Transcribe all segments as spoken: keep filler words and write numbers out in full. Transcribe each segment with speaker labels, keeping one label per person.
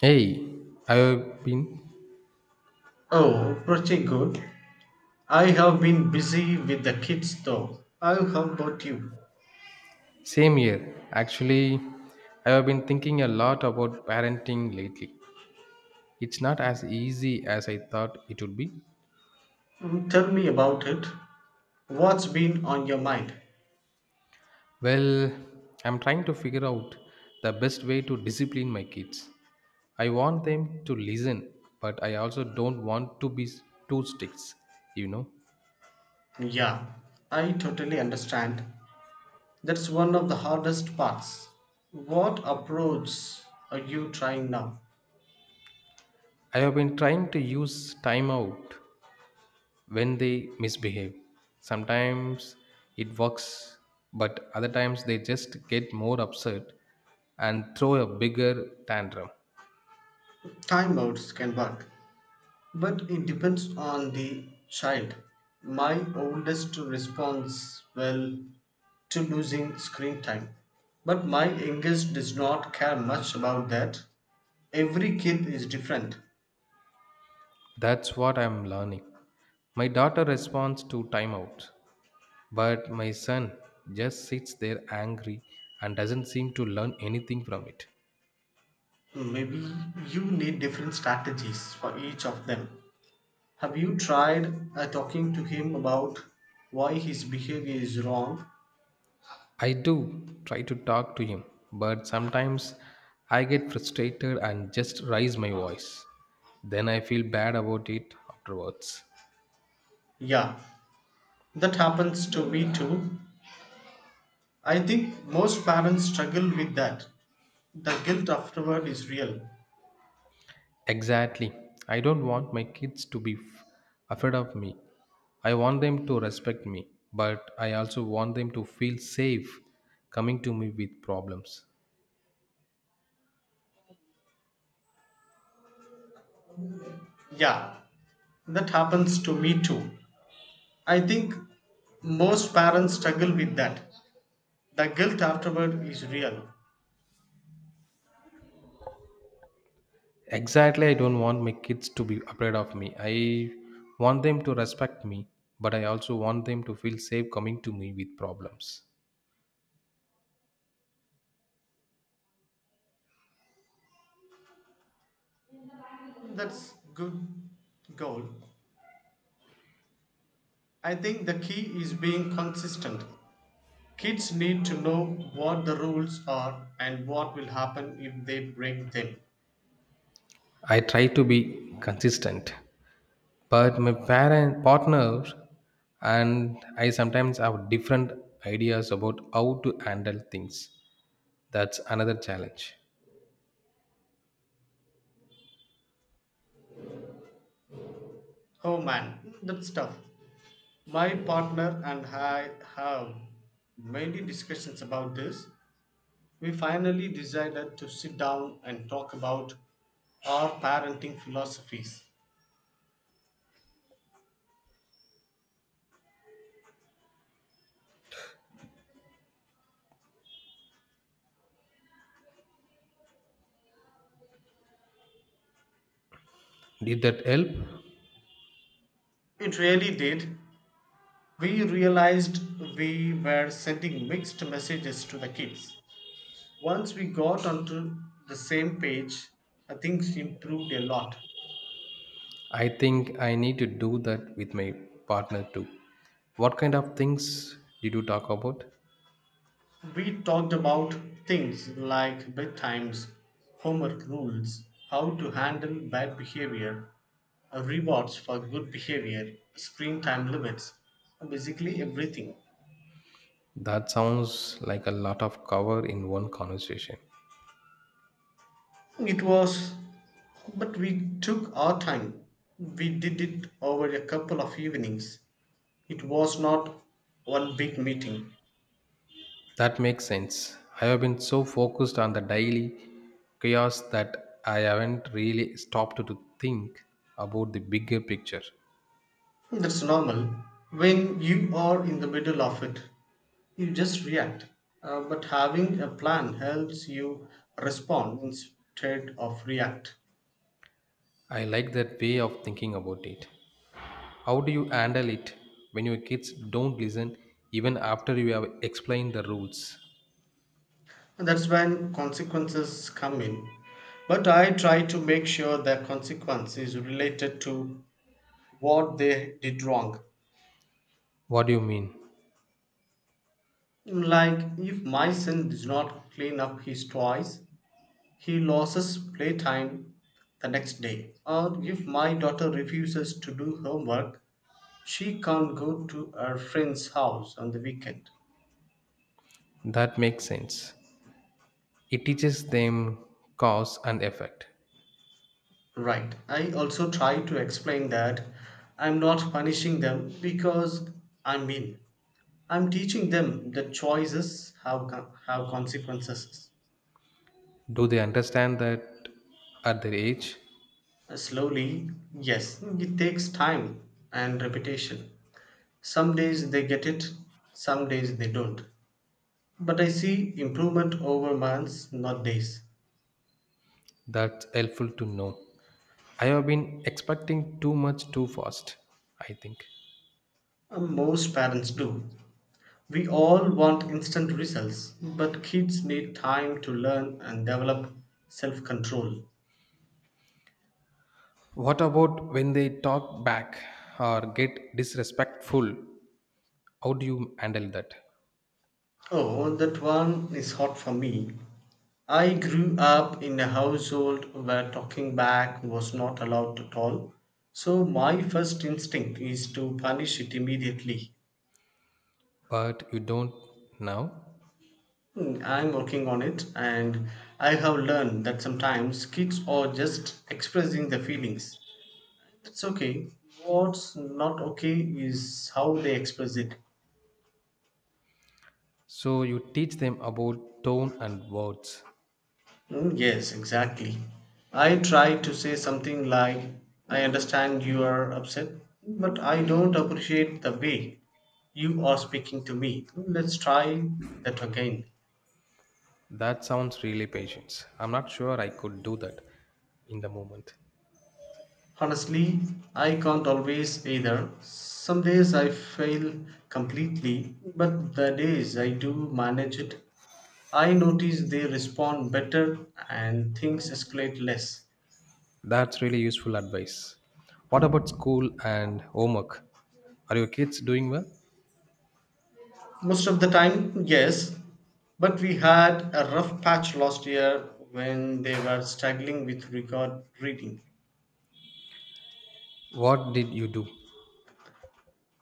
Speaker 1: Hey, I've been
Speaker 2: Oh, pretty good. I have been busy with the kids though. Oh, how about you?
Speaker 1: same here. Actually, I have been thinking a lot about parenting lately. It's not as easy as I thought it would be.
Speaker 2: Mm, Tell me about it. What's been on your mind?
Speaker 1: Well, I'm trying to figure out the best way to discipline my kids. I want them to listen, but I also don't want to be s- too strict, you know.
Speaker 2: Yeah, I totally understand. That's one of the hardest parts. What approach are you trying now?
Speaker 1: I have been trying to use timeout when they misbehave. Sometimes it works, but other times they just get more upset and throw a bigger tantrum.
Speaker 2: Timeouts can work, but it depends on the child. My oldest responds well to losing screen time. But my youngest does not care much about that. Every kid is different.
Speaker 1: That's what I'm learning. My daughter responds to timeout, but my son just sits there angry and doesn't seem to learn anything from it.
Speaker 2: Maybe you need different strategies for each of them. Have you tried uh, talking to him about why his behavior is wrong?
Speaker 1: I do try to talk to him, but sometimes I get frustrated and just raise my voice. Then I feel bad about it afterwards.
Speaker 2: Yeah, that happens to me too. I think most parents struggle with that. The guilt afterward is real.
Speaker 1: Exactly. I don't want my kids to be f- afraid of me. I want them to respect me, but I also want them to feel safe coming to me with problems.
Speaker 2: Yeah, that happens to me too. I think most parents struggle with that. The guilt afterward is real.
Speaker 1: Exactly, I don't want my kids to be afraid of me. I want them to respect me, but I also want them to feel safe coming to me with problems.
Speaker 2: That's good goal. I think the key is being consistent. Kids need to know what the rules are and what will happen if they break them.
Speaker 1: I try to be consistent, but my parent partners and I sometimes have different ideas about how to handle things. That's another challenge.
Speaker 2: Oh man, that's tough. My partner and I have many discussions about this. We finally decided to sit down and talk about our parenting philosophies.
Speaker 1: Did that help?
Speaker 2: It really did. We realized we were sending mixed messages to the kids. Once we got onto the same page, uh, things improved a lot.
Speaker 1: I think I need to do that with my partner too. What kind of things did you talk about?
Speaker 2: We talked about things like bedtimes, homework rules, how to handle bad behavior, uh, rewards for good behavior, screen time limits, uh, basically everything.
Speaker 1: That sounds like a lot of cover in one conversation.
Speaker 2: It was, but we took our time. We did it over a couple of evenings. It was not one big meeting.
Speaker 1: That makes sense. I have been so focused on the daily chaos that I haven't really stopped to think about the bigger picture.
Speaker 2: That's normal. When you are in the middle of it, you just react. Uh, but having a plan helps you respond instead of react.
Speaker 1: I like that way of thinking about it. How do you handle it when your kids don't listen even after you have explained the rules?
Speaker 2: And that's when consequences come in. But I try to make sure the consequence is related to what they did wrong.
Speaker 1: What do you mean?
Speaker 2: Like if my son does not clean up his toys, he loses playtime the next day. Or if my daughter refuses to do homework, she can't go to her friend's house on the weekend.
Speaker 1: That makes sense. It teaches them cause and effect.
Speaker 2: Right. I also try to explain that I'm not punishing them because I'm mean. I'm teaching them that choices have, co- have consequences.
Speaker 1: Do they understand that at their age?
Speaker 2: Slowly, yes, it takes time and repetition. Some days they get it, some days they don't. But I see improvement over months, not days.
Speaker 1: That's helpful to know. I have been expecting too much too fast, I think.
Speaker 2: Uh, Most parents do. We all want instant results, but kids need time to learn and develop self control.
Speaker 1: What about when they talk back or get disrespectful? How do you handle that?
Speaker 2: Oh, that one is hot for me. I grew up in a household where talking back was not allowed at all, so my first instinct is to punish it immediately.
Speaker 1: But you don't now.
Speaker 2: Mm, I'm working on it, and I have learned that sometimes kids are just expressing their feelings. It's okay. What's not okay is how they express it.
Speaker 1: So you teach them about tone and words.
Speaker 2: Mm, yes, exactly. I try to say something like, I understand you are upset, but I don't appreciate the way you are speaking to me. Let's try that again.
Speaker 1: That sounds really patience. I'm not sure I could do that in the moment.
Speaker 2: Honestly, I can't always either. Some days I fail completely, but the days I do manage it, I notice they respond better and things escalate less.
Speaker 1: That's really useful advice. What about school and homework? Are your kids doing well?
Speaker 2: Most of the time, yes, but we had a rough patch last year when they were struggling with record reading.
Speaker 1: What did you do?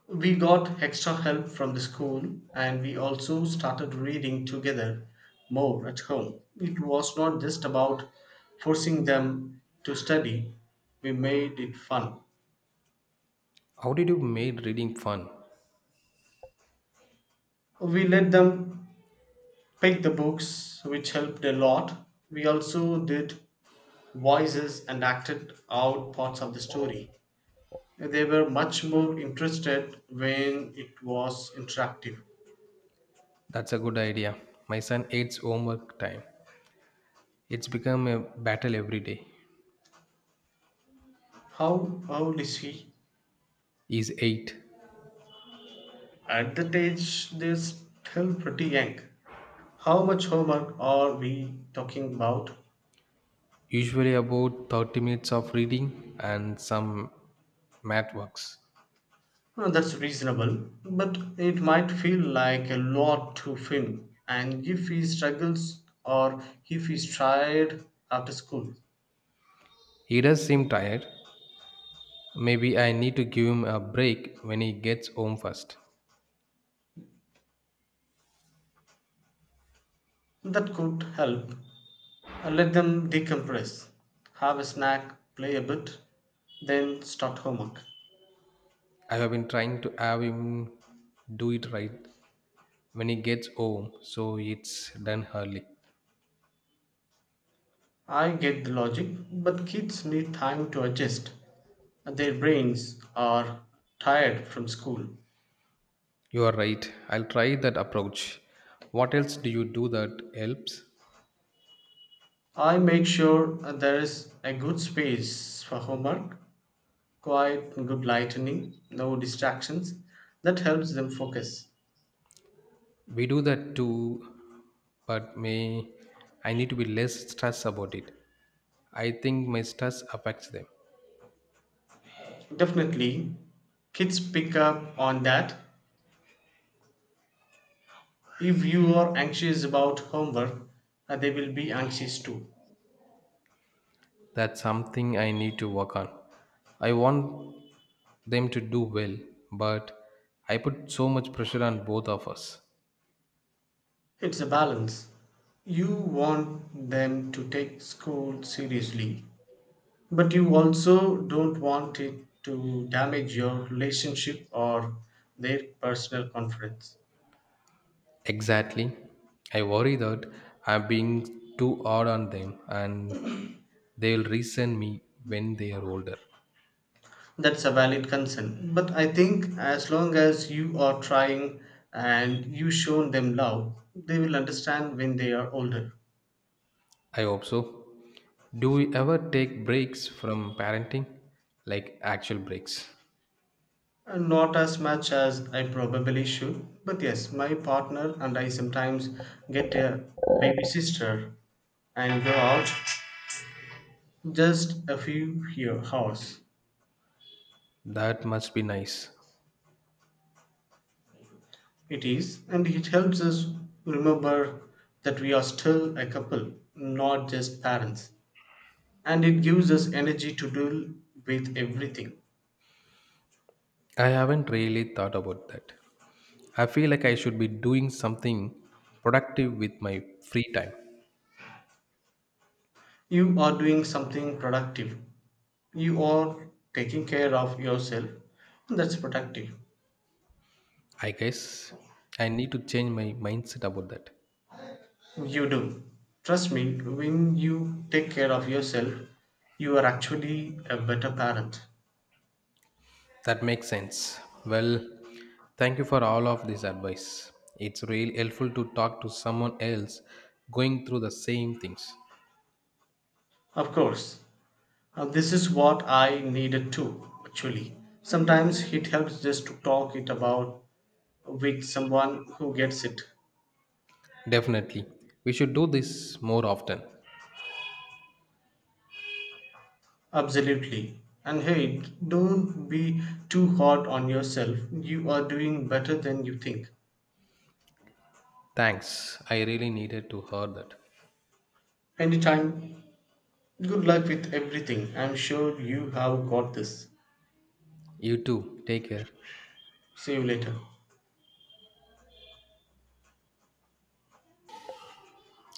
Speaker 2: We got extra help from the school, and we also started reading together more at home. It was not just about forcing them to study, we made it fun.
Speaker 1: How did you make reading fun?
Speaker 2: We let them pick the books, which helped a lot. We also did voices and acted out parts of the story. They were much more interested when it was interactive.
Speaker 1: That's a good idea. My son hates homework time. It's become a battle every day.
Speaker 2: How old is he?
Speaker 1: He's eight.
Speaker 2: At that age, they're still pretty young. How much homework are we talking about?
Speaker 1: Usually about thirty minutes of reading and some math works.
Speaker 2: Well, that's reasonable, but it might feel like a lot to him. And if he struggles or if he's tired after school,
Speaker 1: He does seem tired. Maybe I need to give him a break when he gets home first.
Speaker 2: that could help. Uh, Let them decompress, have a snack, play a bit, then start homework.
Speaker 1: I have been trying to have him do it right when he gets home so it's done early.
Speaker 2: I get the logic, but kids need time to adjust. Their brains are tired from school.
Speaker 1: You are right. I'll try that approach. What else do you do that helps?
Speaker 2: I make sure there is a good space for homework, quiet and good lightning, no distractions. That helps them focus.
Speaker 1: We do that too, but may I need to be less stressed about it. I think my stress affects them.
Speaker 2: Definitely, kids pick up on that. If you are anxious about homework, uh, they will be anxious too.
Speaker 1: That's something I need to work on. I want them to do well, but I put so much pressure on both of us.
Speaker 2: It's a balance. You want them to take school seriously, but you also don't want it to damage your relationship or their personal confidence.
Speaker 1: Exactly. I worry that I'm being too hard on them and they'll resent me when they are older.
Speaker 2: That's a valid concern. But I think as long as you are trying and you shown them love, they will understand when they are older.
Speaker 1: I hope so. Do we ever take breaks from parenting? Like actual breaks?
Speaker 2: And not as much as I probably should. But yes, my partner and I sometimes get a baby sister and go out just a few year hours.
Speaker 1: That must be nice.
Speaker 2: It is, and it helps us remember that we are still a couple, not just parents. And it gives us energy to deal with everything.
Speaker 1: I haven't really thought about that. I feel like I should be doing something productive with my free time.
Speaker 2: You are doing something productive. You are taking care of yourself. That's productive.
Speaker 1: I guess I need to change my mindset about that.
Speaker 2: You do. Trust me, when you take care of yourself, you are actually a better parent.
Speaker 1: That makes sense. Well, thank you for all of this advice. It's really helpful to talk to someone else going through the same things.
Speaker 2: Of course, Uh, this is what I needed too, actually. Sometimes it helps just to talk it about with someone who gets it.
Speaker 1: Definitely. We should do this more often.
Speaker 2: Absolutely. And hey, don't be too hard on yourself. You are doing better than you think.
Speaker 1: Thanks. I really needed to hear that.
Speaker 2: Anytime, good luck with everything. I'm sure you have got this.
Speaker 1: You too. Take care.
Speaker 2: See you later.